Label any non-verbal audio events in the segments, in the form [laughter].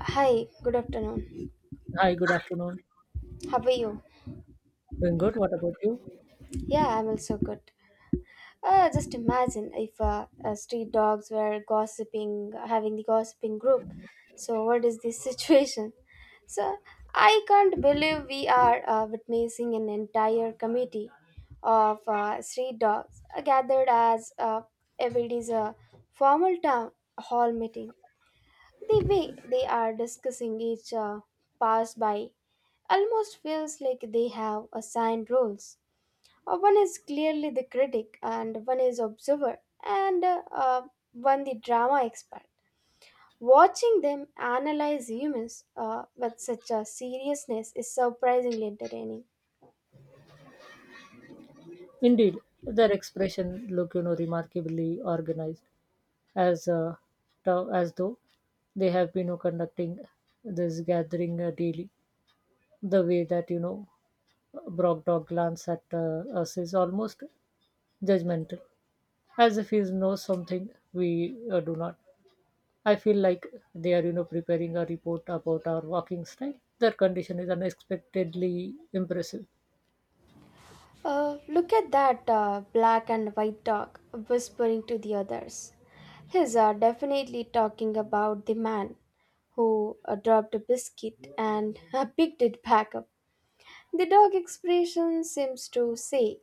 Hi, good afternoon. Hi, good afternoon. How are you? Doing good. What about you? Yeah, I'm also good. Just imagine if street dogs were gossiping, having the gossiping group. So, what is this [laughs] situation? So, I can't believe we are witnessing an entire committee of street dogs gathered as if it is a formal town hall meeting. The way they are discussing each pass by almost feels like they have assigned roles. One is clearly the critic, and one is observer, and one the drama expert. Watching them analyze humans with such a seriousness is surprisingly entertaining. Indeed, their expression look, remarkably organized, as as though they have been conducting this gathering daily. The way that Brock Dog glance at us is almost judgmental, as if he knows something we do not. I feel like they are, preparing a report about our walking style. Their condition is unexpectedly impressive. Look at that black and white dog whispering to the others. He's definitely talking about the man who dropped a biscuit and [laughs] picked it back up. The dog expression seems to say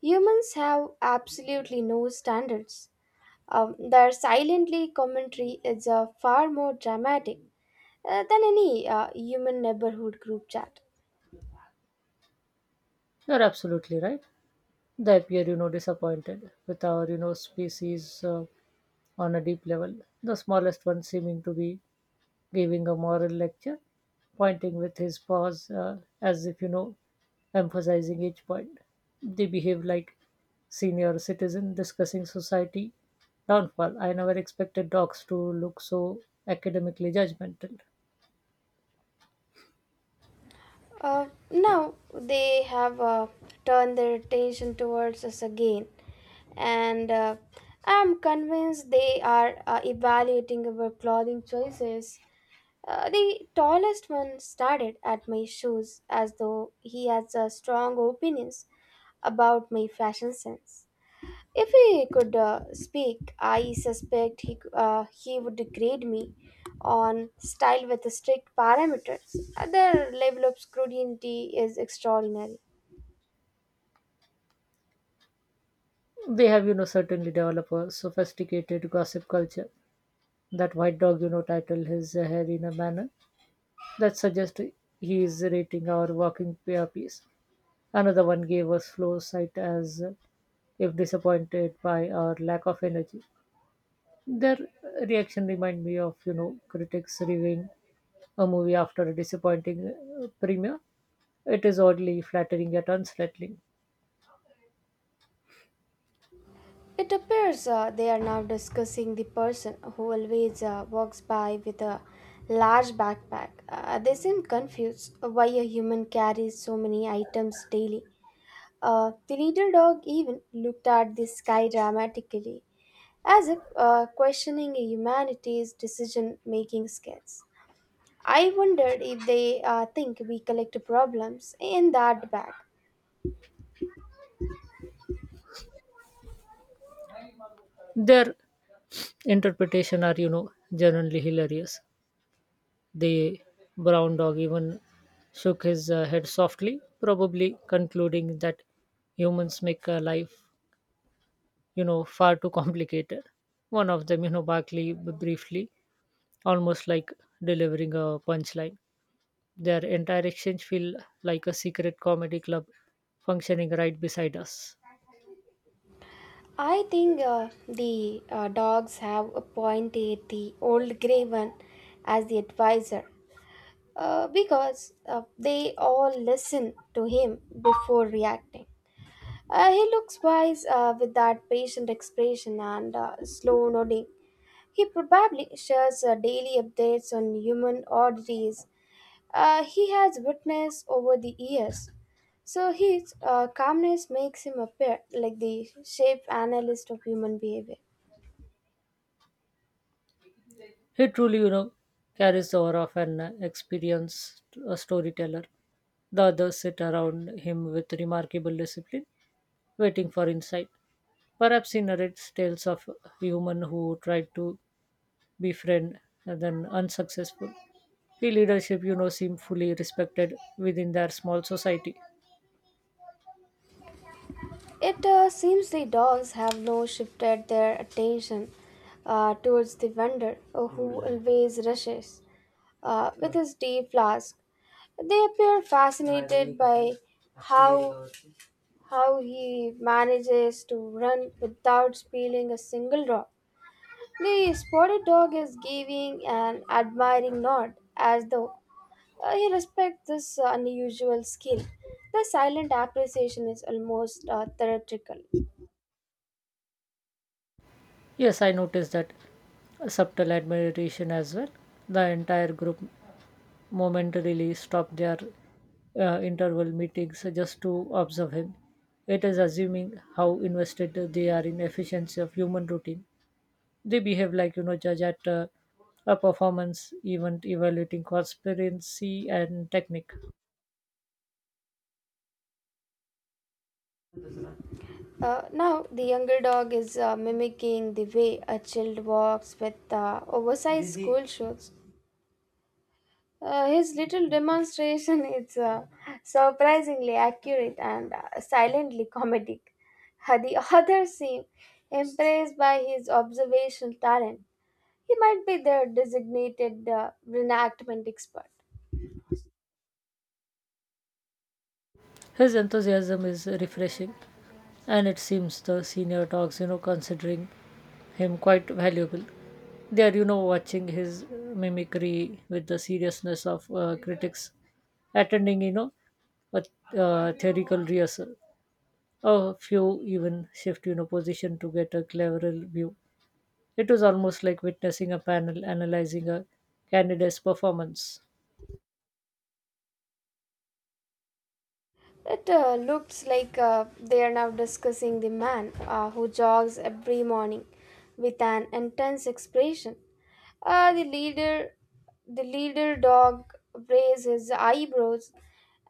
humans have absolutely no standards. Their silently commentary is far more dramatic than any human neighborhood group chat. You're absolutely right. They appear, disappointed with our species on a deep level. The smallest one seeming to be giving a moral lecture, pointing with his paws as if, emphasizing each point. They behave like senior citizen discussing society downfall. I never expected dogs to look so academically judgmental. Now they have turned their attention towards us again, and I'm convinced they are evaluating our clothing choices. The tallest one stared at my shoes as though he has a strong opinions about my fashion sense. If he could speak, I suspect he would grade me on style with strict parameters. Their level of scrutiny is extraordinary. They have, certainly developed a sophisticated gossip culture. That white dog, titled his hair in a manner that suggests he is rating our working pair piece. Another one gave us flow sight as if disappointed by our lack of energy. Their reaction remind me of, critics reviewing a movie after a disappointing premiere. It is oddly flattering yet unsettling. It appears they are now discussing the person who always walks by with a large backpack. They seem confused why a human carries so many items daily. The leader dog even looked at the sky dramatically, as if questioning humanity's decision making skills. I wondered if they think we collect problems in that bag. Their interpretation are, generally hilarious. The brown dog even shook his head softly, probably concluding that humans make life far too complicated. One of them, Barkley briefly, almost like delivering a punchline. Their entire exchange feel like a secret comedy club functioning right beside us. I think the dogs have appointed the old grey one as the advisor because they all listen to him before reacting. He looks wise with that patient expression and slow nodding. He probably shares daily updates on human oddities he has witnessed over the years. So his calmness makes him appear like the shape analyst of human behavior. He truly, carries the aura of an experienced storyteller. The others sit around him with remarkable discipline, waiting for insight. Perhaps he narrates tales of human who tried to befriend and then unsuccessful. The leadership seem fully respected within their small society. It seems the dolls have now shifted their attention towards the vendor who always rushes with his tea flask. They appear fascinated by how how he manages to run without spilling a single drop. The spotted dog is giving an admiring nod as though he respects this unusual skill. The silent appreciation is almost theatrical. Yes, I noticed that subtle admiration as well. The entire group momentarily stopped their interval meetings just to observe him. It is assuming how invested they are in efficiency of human routine. They behave like judge at a performance event evaluating conspiracy and technique. Now, the younger dog is mimicking the way a child walks with oversized school shoes. His little demonstration [laughs] is surprisingly accurate and silently comedic. The others seem impressed by his observational talent. He might be their designated reenactment expert. His enthusiasm is refreshing, and it seems the senior dogs, considering him quite valuable. They are, watching his mimicry with the seriousness of critics, attending, you know, a theoretical rehearsal. A few even shift, position to get a clearer view. It was almost like witnessing a panel analyzing a candidate's performance. It looks like they are now discussing the man who jogs every morning with an intense expression. Uh, the leader, the leader dog raises his eyebrows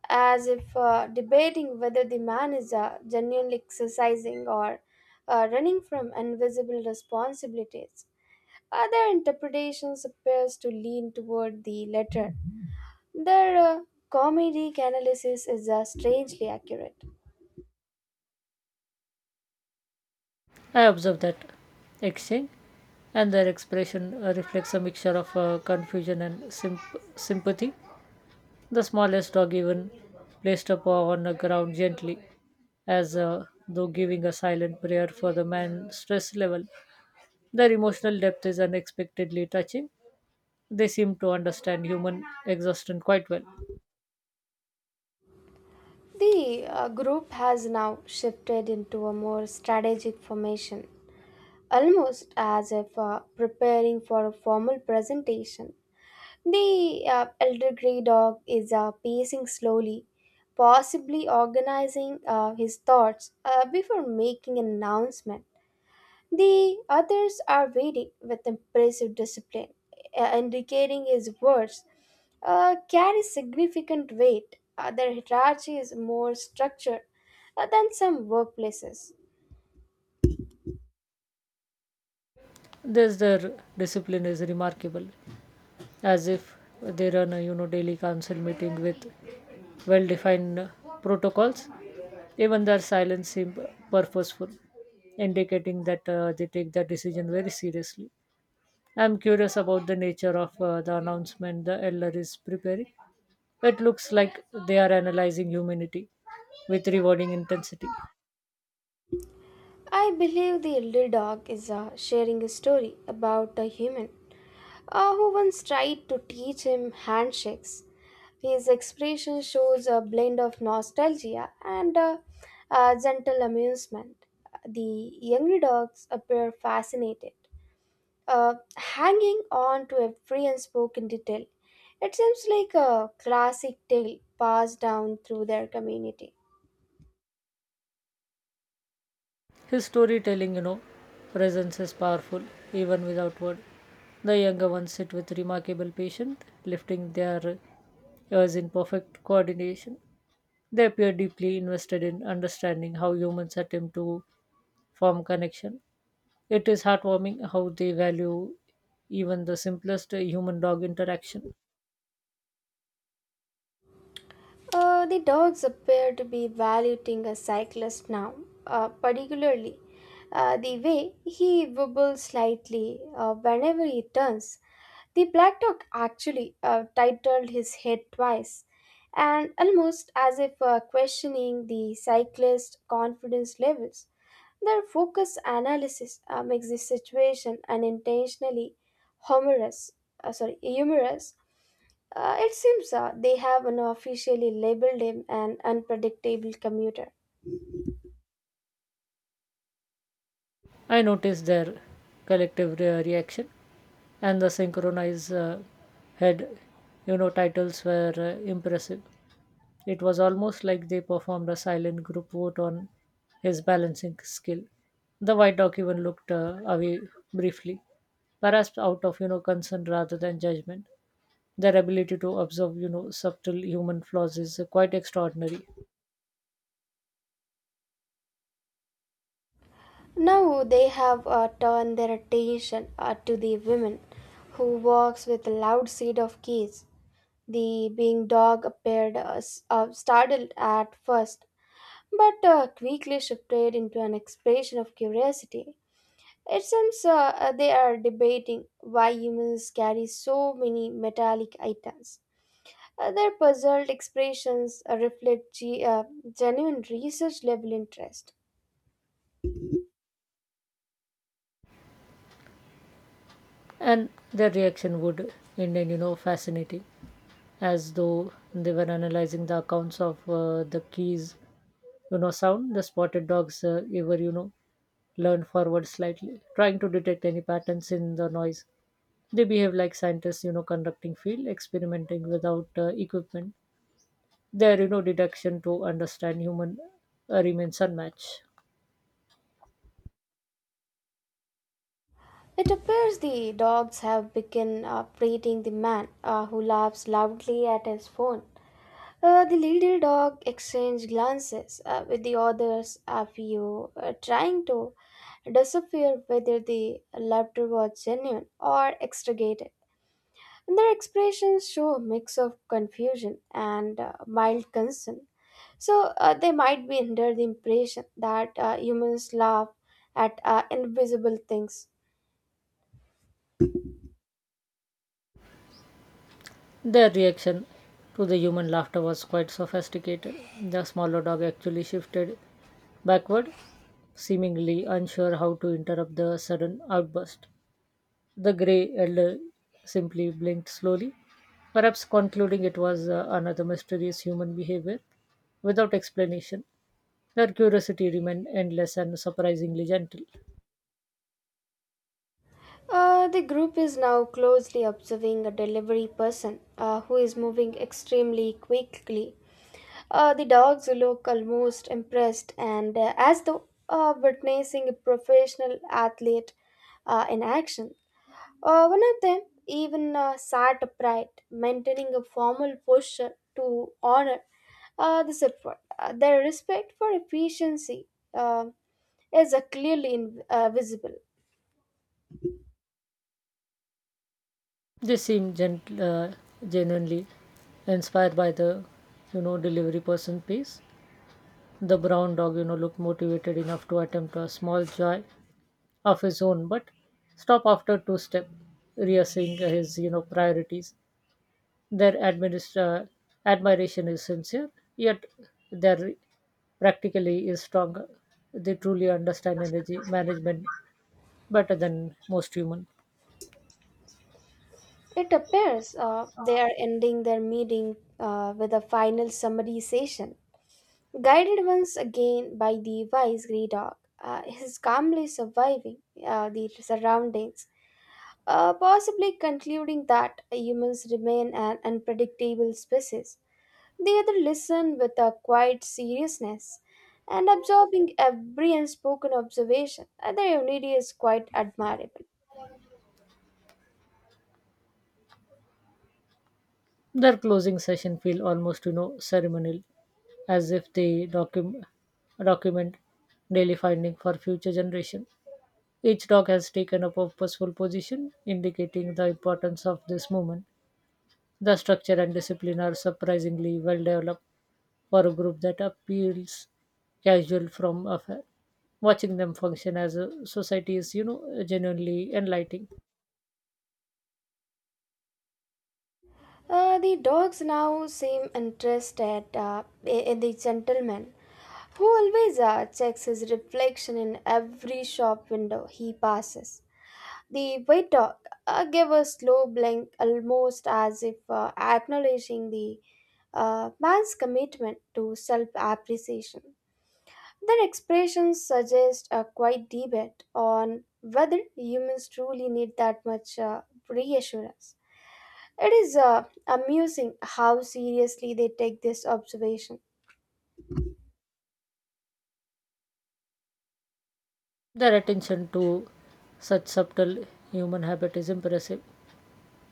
as if debating whether the man is genuinely exercising or running from invisible responsibilities. Other interpretations appears to lean toward the latter their comedic analysis is strangely accurate. I observe that exchange and their expression reflects a mixture of confusion and symp- sympathy. The smallest dog even placed a paw on the ground gently, as though giving a silent prayer for the man's stress level. Their emotional depth is unexpectedly touching. They seem to understand human exhaustion quite well. The group has now shifted into a more strategic formation, almost as if preparing for a formal presentation. The elder grey dog is pacing slowly, possibly organizing his thoughts before making an announcement. The others are waiting with impressive discipline, indicating his words carry significant weight. Their hierarchy is more structured than some workplaces. Thus, their discipline is remarkable, as if they run a daily council meeting with well defined protocols. Even their silence seems purposeful, indicating that they take their decision very seriously. I'm curious about the nature of the announcement the elder is preparing. It looks like they are analyzing humanity with rewarding intensity. I believe the elder dog is sharing a story about a human who once tried to teach him handshakes. His expression shows a blend of nostalgia and a gentle amusement. The younger dogs appear fascinated, hanging on to every unspoken detail. It seems like a classic tale passed down through their community. His storytelling, presence is powerful even without word. The younger ones sit with remarkable patience, lifting their ears in perfect coordination. They appear deeply invested in understanding how humans attempt to form connection. It is heartwarming how they value even the simplest human dog interaction. The dogs appear to be valuing a cyclist now, particularly the way he wobbles slightly whenever he turns. The black dog actually titled his head twice, and almost as if questioning the cyclist's confidence levels. Their focus analysis makes the situation unintentionally humorous. humorous. It seems they have now officially labeled him an unpredictable commuter. I noticed their collective reaction and the synchronized head, titles were impressive. It was almost like they performed a silent group vote on his balancing skill. The white dog even looked away briefly, perhaps out of concern rather than judgment. Their ability to observe subtle human flaws is quite extraordinary, Now they have turned their attention to the women who walks with a loud set of keys. The being dog appeared startled at first, but quickly shifted into an expression of curiosity. It seems they are debating why humans carry so many metallic items. Their puzzled expressions reflect genuine research level interest. and their reaction would indeed fascinating, as though they were analyzing the accounts of the keys sound. The spotted dogs ever leaned forward slightly, trying to detect any patterns in the noise. They behave like scientists conducting field experimenting without equipment. Their deduction to understand human remains unmatched. It appears the dogs have begun prating the man who laughs loudly at his phone. The little dog exchanged glances with the others, a few trying to disappear whether the laughter was genuine or extricated. Their expressions show a mix of confusion and mild concern. So they might be under the impression that humans laugh at invisible things. Their reaction to the human laughter was quite sophisticated. The smaller dog actually shifted backward, seemingly unsure how to interrupt the sudden outburst. The grey elder simply blinked slowly, perhaps concluding it was another mysterious human behavior without explanation. Their curiosity remained endless and surprisingly gentle. The group is now closely observing a delivery person who is moving extremely quickly. The dogs look almost impressed and as though witnessing a professional athlete in action. One of them even sat upright, maintaining a formal posture to honor this effort. Their respect for efficiency uh, is clearly visible. They seemed genuinely inspired by the, delivery person piece. The brown dog, looked motivated enough to attempt a small joy of his own, but stop after two step, reassessing his, priorities. Their admiration is sincere, yet their practically is stronger. They truly understand energy management better than most human. It appears they are ending their meeting with a final summary session, guided once again by the wise grey dog. He's calmly surviving the surroundings possibly concluding that humans remain an unpredictable species. They either listen with a quiet seriousness and absorbing every unspoken observation. Their unity is quite admirable. Their closing session feel almost ceremonial, as if they document daily finding for future generation. Each dog has taken a purposeful position, indicating the importance of this movement. The structure and discipline are surprisingly well developed for a group that appeals casual from afar. Watching them function as a society is, genuinely enlightening. The dogs now seem interested in the gentleman who always checks his reflection in every shop window he passes. The waiter gave a slow blink, almost as if acknowledging the man's commitment to self appreciation. Their expressions suggest a quiet debate on whether humans truly need that much reassurance. It is amusing how seriously they take this observation. Their attention to such subtle human habit is impressive.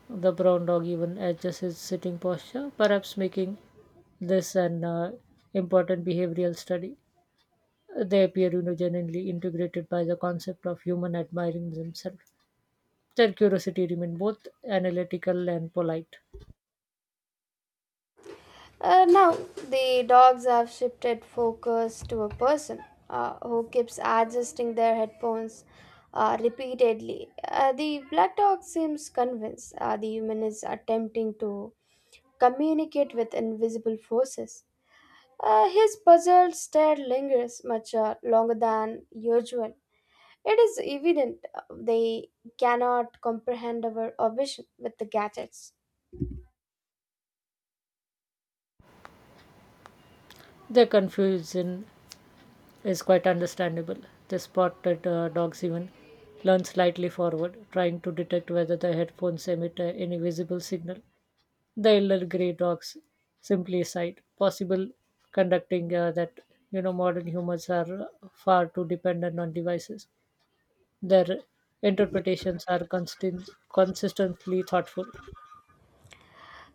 The brown dog even adjusts his sitting posture, perhaps making this an important behavioral study. They appear genuinely integrated by the concept of human admiring themselves. Their curiosity remains both analytical and polite. Now, the dogs have shifted focus to a person who keeps adjusting their headphones repeatedly. The black dog seems convinced the human is attempting to communicate with invisible forces. His puzzled stare lingers much longer than usual. It is evident they cannot comprehend our vision with the gadgets. Their confusion is quite understandable. The spotted that dogs even lean slightly forward, trying to detect whether the headphones emit any visible signal. The elder grey dogs simply sighed. Possible conducting that modern humans are far too dependent on devices. Their interpretations are consistently thoughtful.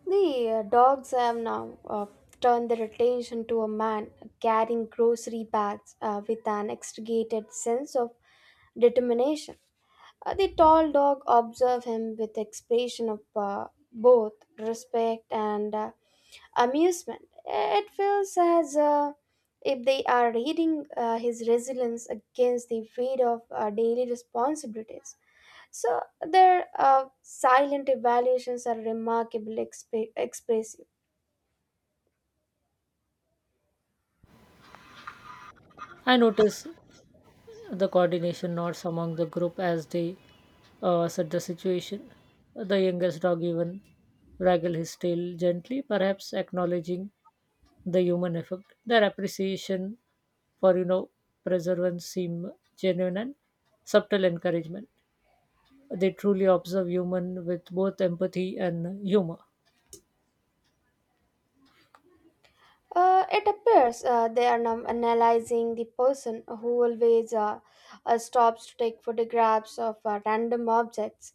The dogs have now turned their attention to a man carrying grocery bags with an extricated sense of determination. The tall dog observed him with expression of both respect and amusement. It feels as if they are reading his resilience against the weight of daily responsibilities. So their silent evaluations are remarkably expressive. I notice the coordination nods among the group as they assess the situation. The youngest dog even waggle his tail gently, perhaps acknowledging the human effect. Their appreciation for preservance seem genuine and subtle encouragement. They truly observe human with both empathy and humor. It appears they are now analyzing the person who always stops to take photographs of random objects.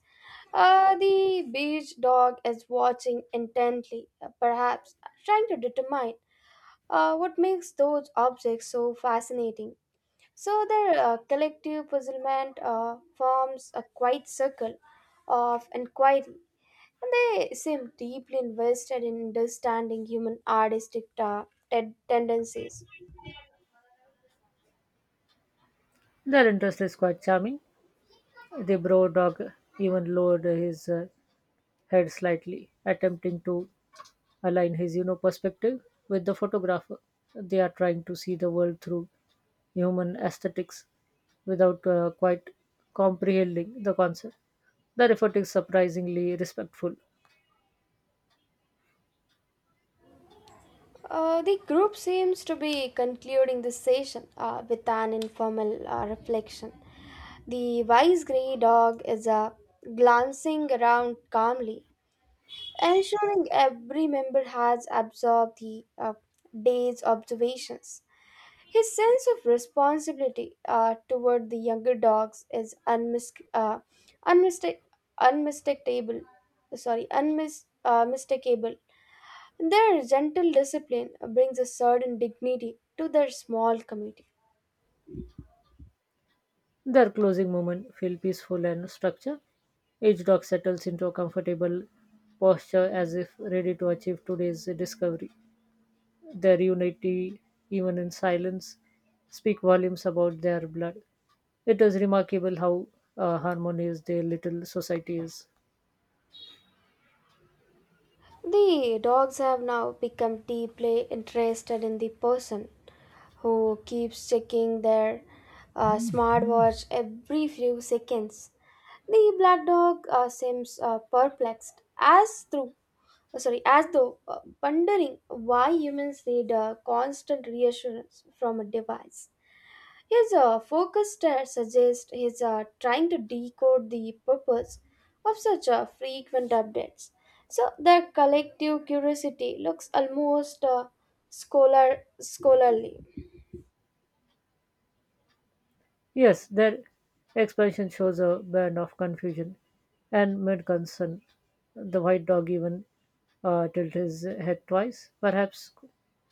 The beige dog is watching intently, perhaps trying to determine what makes those objects so fascinating. So their collective puzzlement forms a quiet circle of inquiry and they seem deeply invested in understanding human artistic tendencies. Their interest is quite charming. The bro dog even lowered his head slightly, attempting to align his perspective with the photographer. They are trying to see the world through human aesthetics without quite comprehending the concept. Their effort is surprisingly respectful. The group seems to be concluding the session with an informal reflection. The wise grey dog is glancing around calmly, ensuring every member has absorbed the day's observations. His sense of responsibility toward the younger dogs is unmistak- unmistakable. Sorry, unmis- mistakable. Their gentle discipline brings a certain dignity to their small community. Their closing moment feel peaceful and structured. Each dog settles into a comfortable posture as if ready to achieve today's discovery. Their unity, even in silence, speak volumes about their blood. It is remarkable how harmonious their little society is. The dogs have now become deeply interested in the person who keeps checking their smartwatch every few seconds. The black dog seems perplexed as through sorry as though wondering why humans need a constant reassurance from a device. His focus stare suggests he's trying to decode the purpose of such frequent updates. So their collective curiosity looks almost scholar scholarly. Yes, their expansion shows a band of confusion and mid concern. The white dog even tilted his head twice, perhaps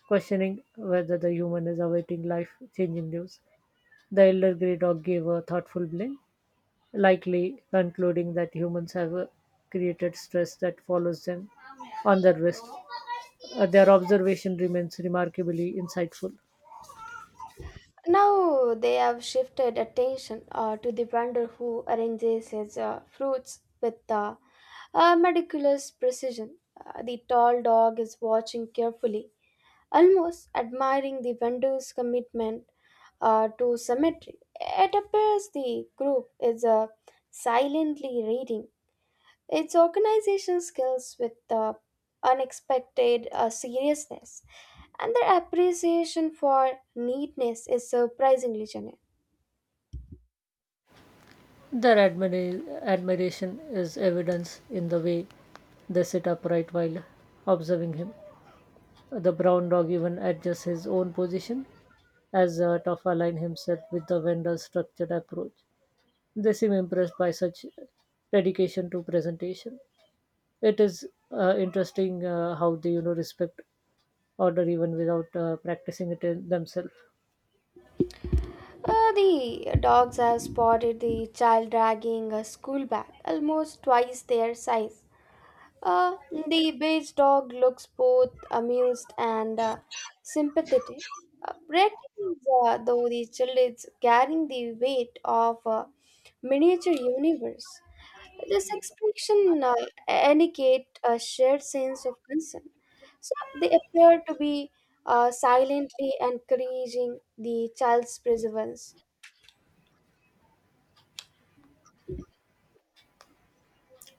questioning whether the human is awaiting life changing news. The elder grey dog gave a thoughtful blink, likely concluding that humans have created stress that follows them on their wrist. Their observation remains remarkably insightful. Now they have shifted attention to the vendor who arranges his fruits with meticulous precision. The tall dog is watching carefully, almost admiring the vendor's commitment to symmetry. It appears the group is silently reading its organization skills with unexpected seriousness, and their appreciation for neatness is surprisingly genuine. Their admiration is evidence in the way they sit upright while observing him. The brown dog even adjusts his own position as Toff align himself with the vendor's structured approach. They seem impressed by such dedication to presentation. It is interesting how they respect order even without practicing it in themselves. The dogs have spotted the child dragging a school bag, almost twice their size. Uh, the beige dog looks both amused and sympathetic. Brett is, though the child is carrying the weight of a miniature universe. This expression indicate a shared sense of concern. So they appear to be silently encouraging the child's perseverance.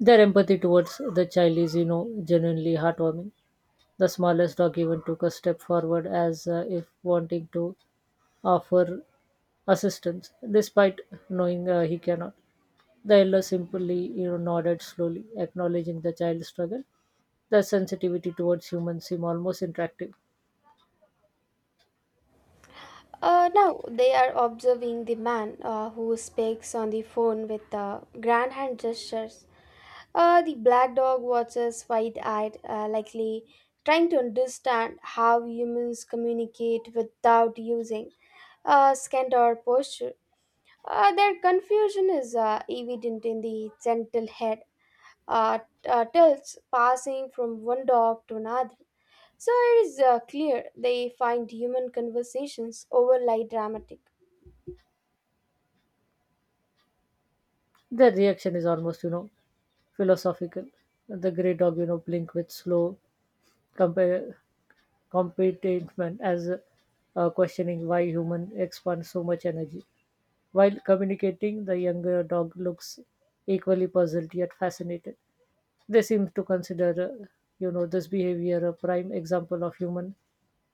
Their empathy towards the child is genuinely heartwarming. The smallest dog even took a step forward as if wanting to offer assistance despite knowing he cannot. The elder simply nodded slowly, acknowledging the child's struggle. Their sensitivity towards humans seem almost interactive. Now they are observing the man who speaks on the phone with grand hand gestures. The black dog watches wide eyed, likely trying to understand how humans communicate without using scent or posture. Their confusion is evident in the gentle head tilts passing from one dog to another. So it is clear they find human conversations overly dramatic. Their reaction is almost philosophical. The grey dog, blink with slow compa- contentment as questioning why human expend so much energy. While communicating, the younger dog looks equally puzzled yet fascinated. They seem to consider, uh, this behavior a prime example of human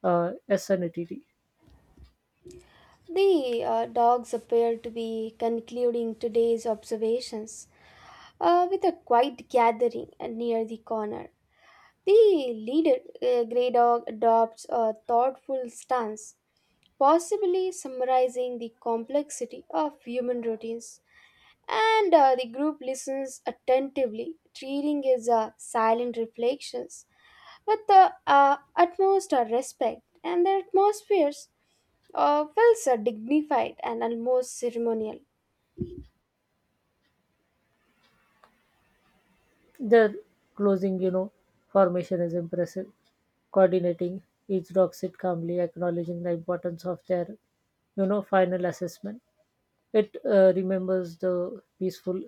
sanity. The dogs appear to be concluding today's observations with a quiet gathering near the corner. The leader, Grey Dog, adopts a thoughtful stance, possibly summarizing the complexity of human routines. And the group listens attentively, treating his silent reflections with the utmost respect, and their atmospheres feels dignified and almost ceremonial. Their closing, formation is impressive coordinating. Each dog sit calmly, acknowledging the importance of their final assessment. It remembers the peaceful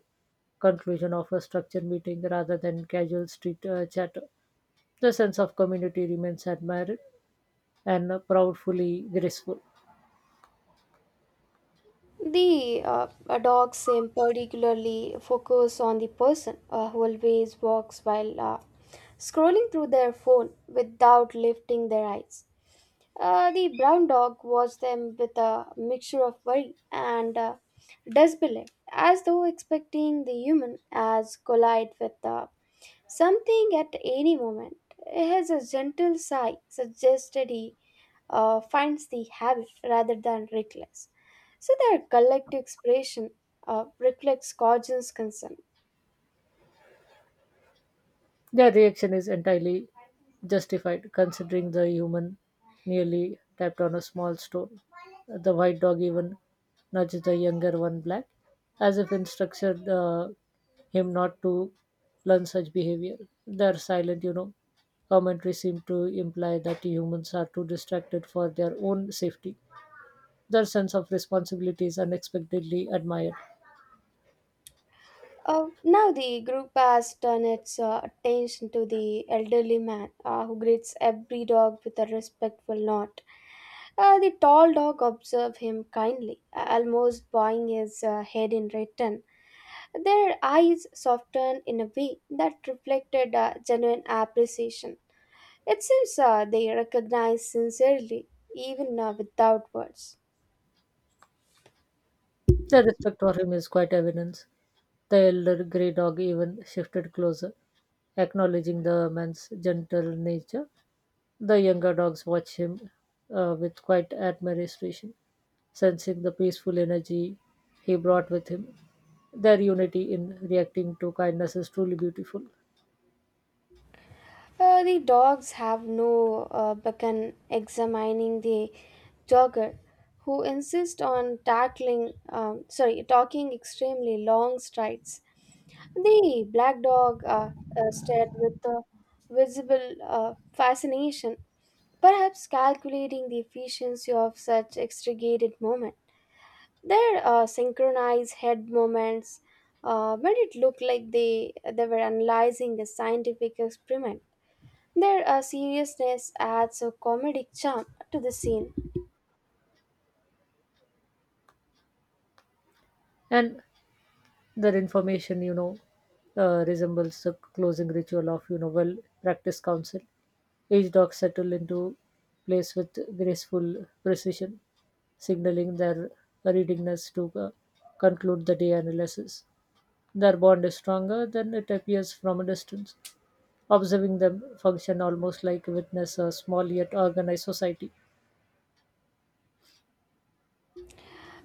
conclusion of a structured meeting rather than casual street chatter. The sense of community remains admired and proudly graceful. The dogs seem particularly focused on the person who always walks while scrolling through their phone without lifting their eyes. The brown dog watched them with a mixture of worry and disbelief, as though expecting the human as collide with something at any moment. His gentle sigh suggested he finds the habit rather than reckless. So their collective expression reflects Cajun's concern. Their reaction is entirely justified considering the human nearly tapped on a small stone. The white dog even nudged the younger one black as if instructed him not to learn such behavior. Their silent, commentary seemed to imply that humans are too distracted for their own safety. Their sense of responsibility is unexpectedly admired. Uh, now the group has turned its attention to the elderly man who greets every dog with a respectful nod. The tall dog observes him kindly, almost bowing his head in return. Their eyes softened in a way that reflected genuine appreciation. It seems they recognize sincerely, even without words. Their respect for him is quite evident. The elder grey dog even shifted closer, acknowledging the man's gentle nature. The younger dogs watch him with quite admiration, sensing the peaceful energy he brought with him. Their unity in reacting to kindness is truly beautiful. The dogs have no beckon examining the jogger who insist on tackling sorry talking extremely long strides. The black dog stared with a visible fascination, perhaps calculating the efficiency of such extricated movement. Their synchronized head movements made it look like they were analyzing a scientific experiment. Their seriousness adds a comedic charm to the scene. And their information, resembles the closing ritual of, well practiced counsel. Each dog settle into place with graceful precision, signaling their readiness to conclude the day analysis. Their bond is stronger than it appears from a distance. Observing them function almost like witness a small yet organized society.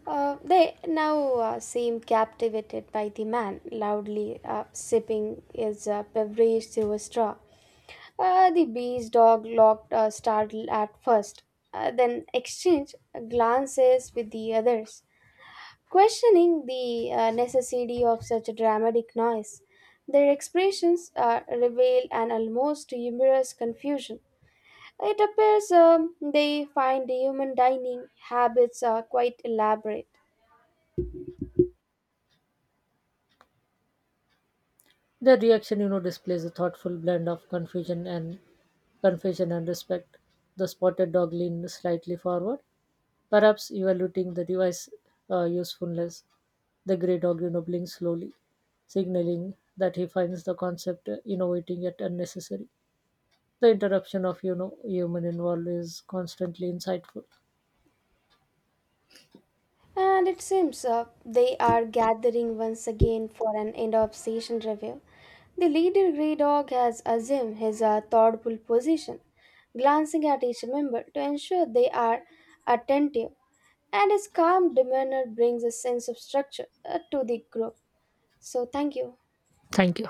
They now seem captivated by the man loudly sipping his beverage through a straw. The bee's dog looked startled at first, then exchanged glances with the others, questioning the necessity of such a dramatic noise. Their expressions reveal an almost humorous confusion. It appears they find the human dining habits are quite elaborate. The reaction, displays a thoughtful blend of confusion and respect. The spotted dog leaned slightly forward, perhaps evaluating the device usefulness. The grey dog, blinked slowly, signaling that he finds the concept innovating yet unnecessary. The interruption of human involved is constantly insightful. And it seems they are gathering once again for an end of session review. The leader Grey Dog has assumed his thoughtful position, glancing at each member to ensure they are attentive, and his calm demeanor brings a sense of structure to the group. So, thank you. Thank you.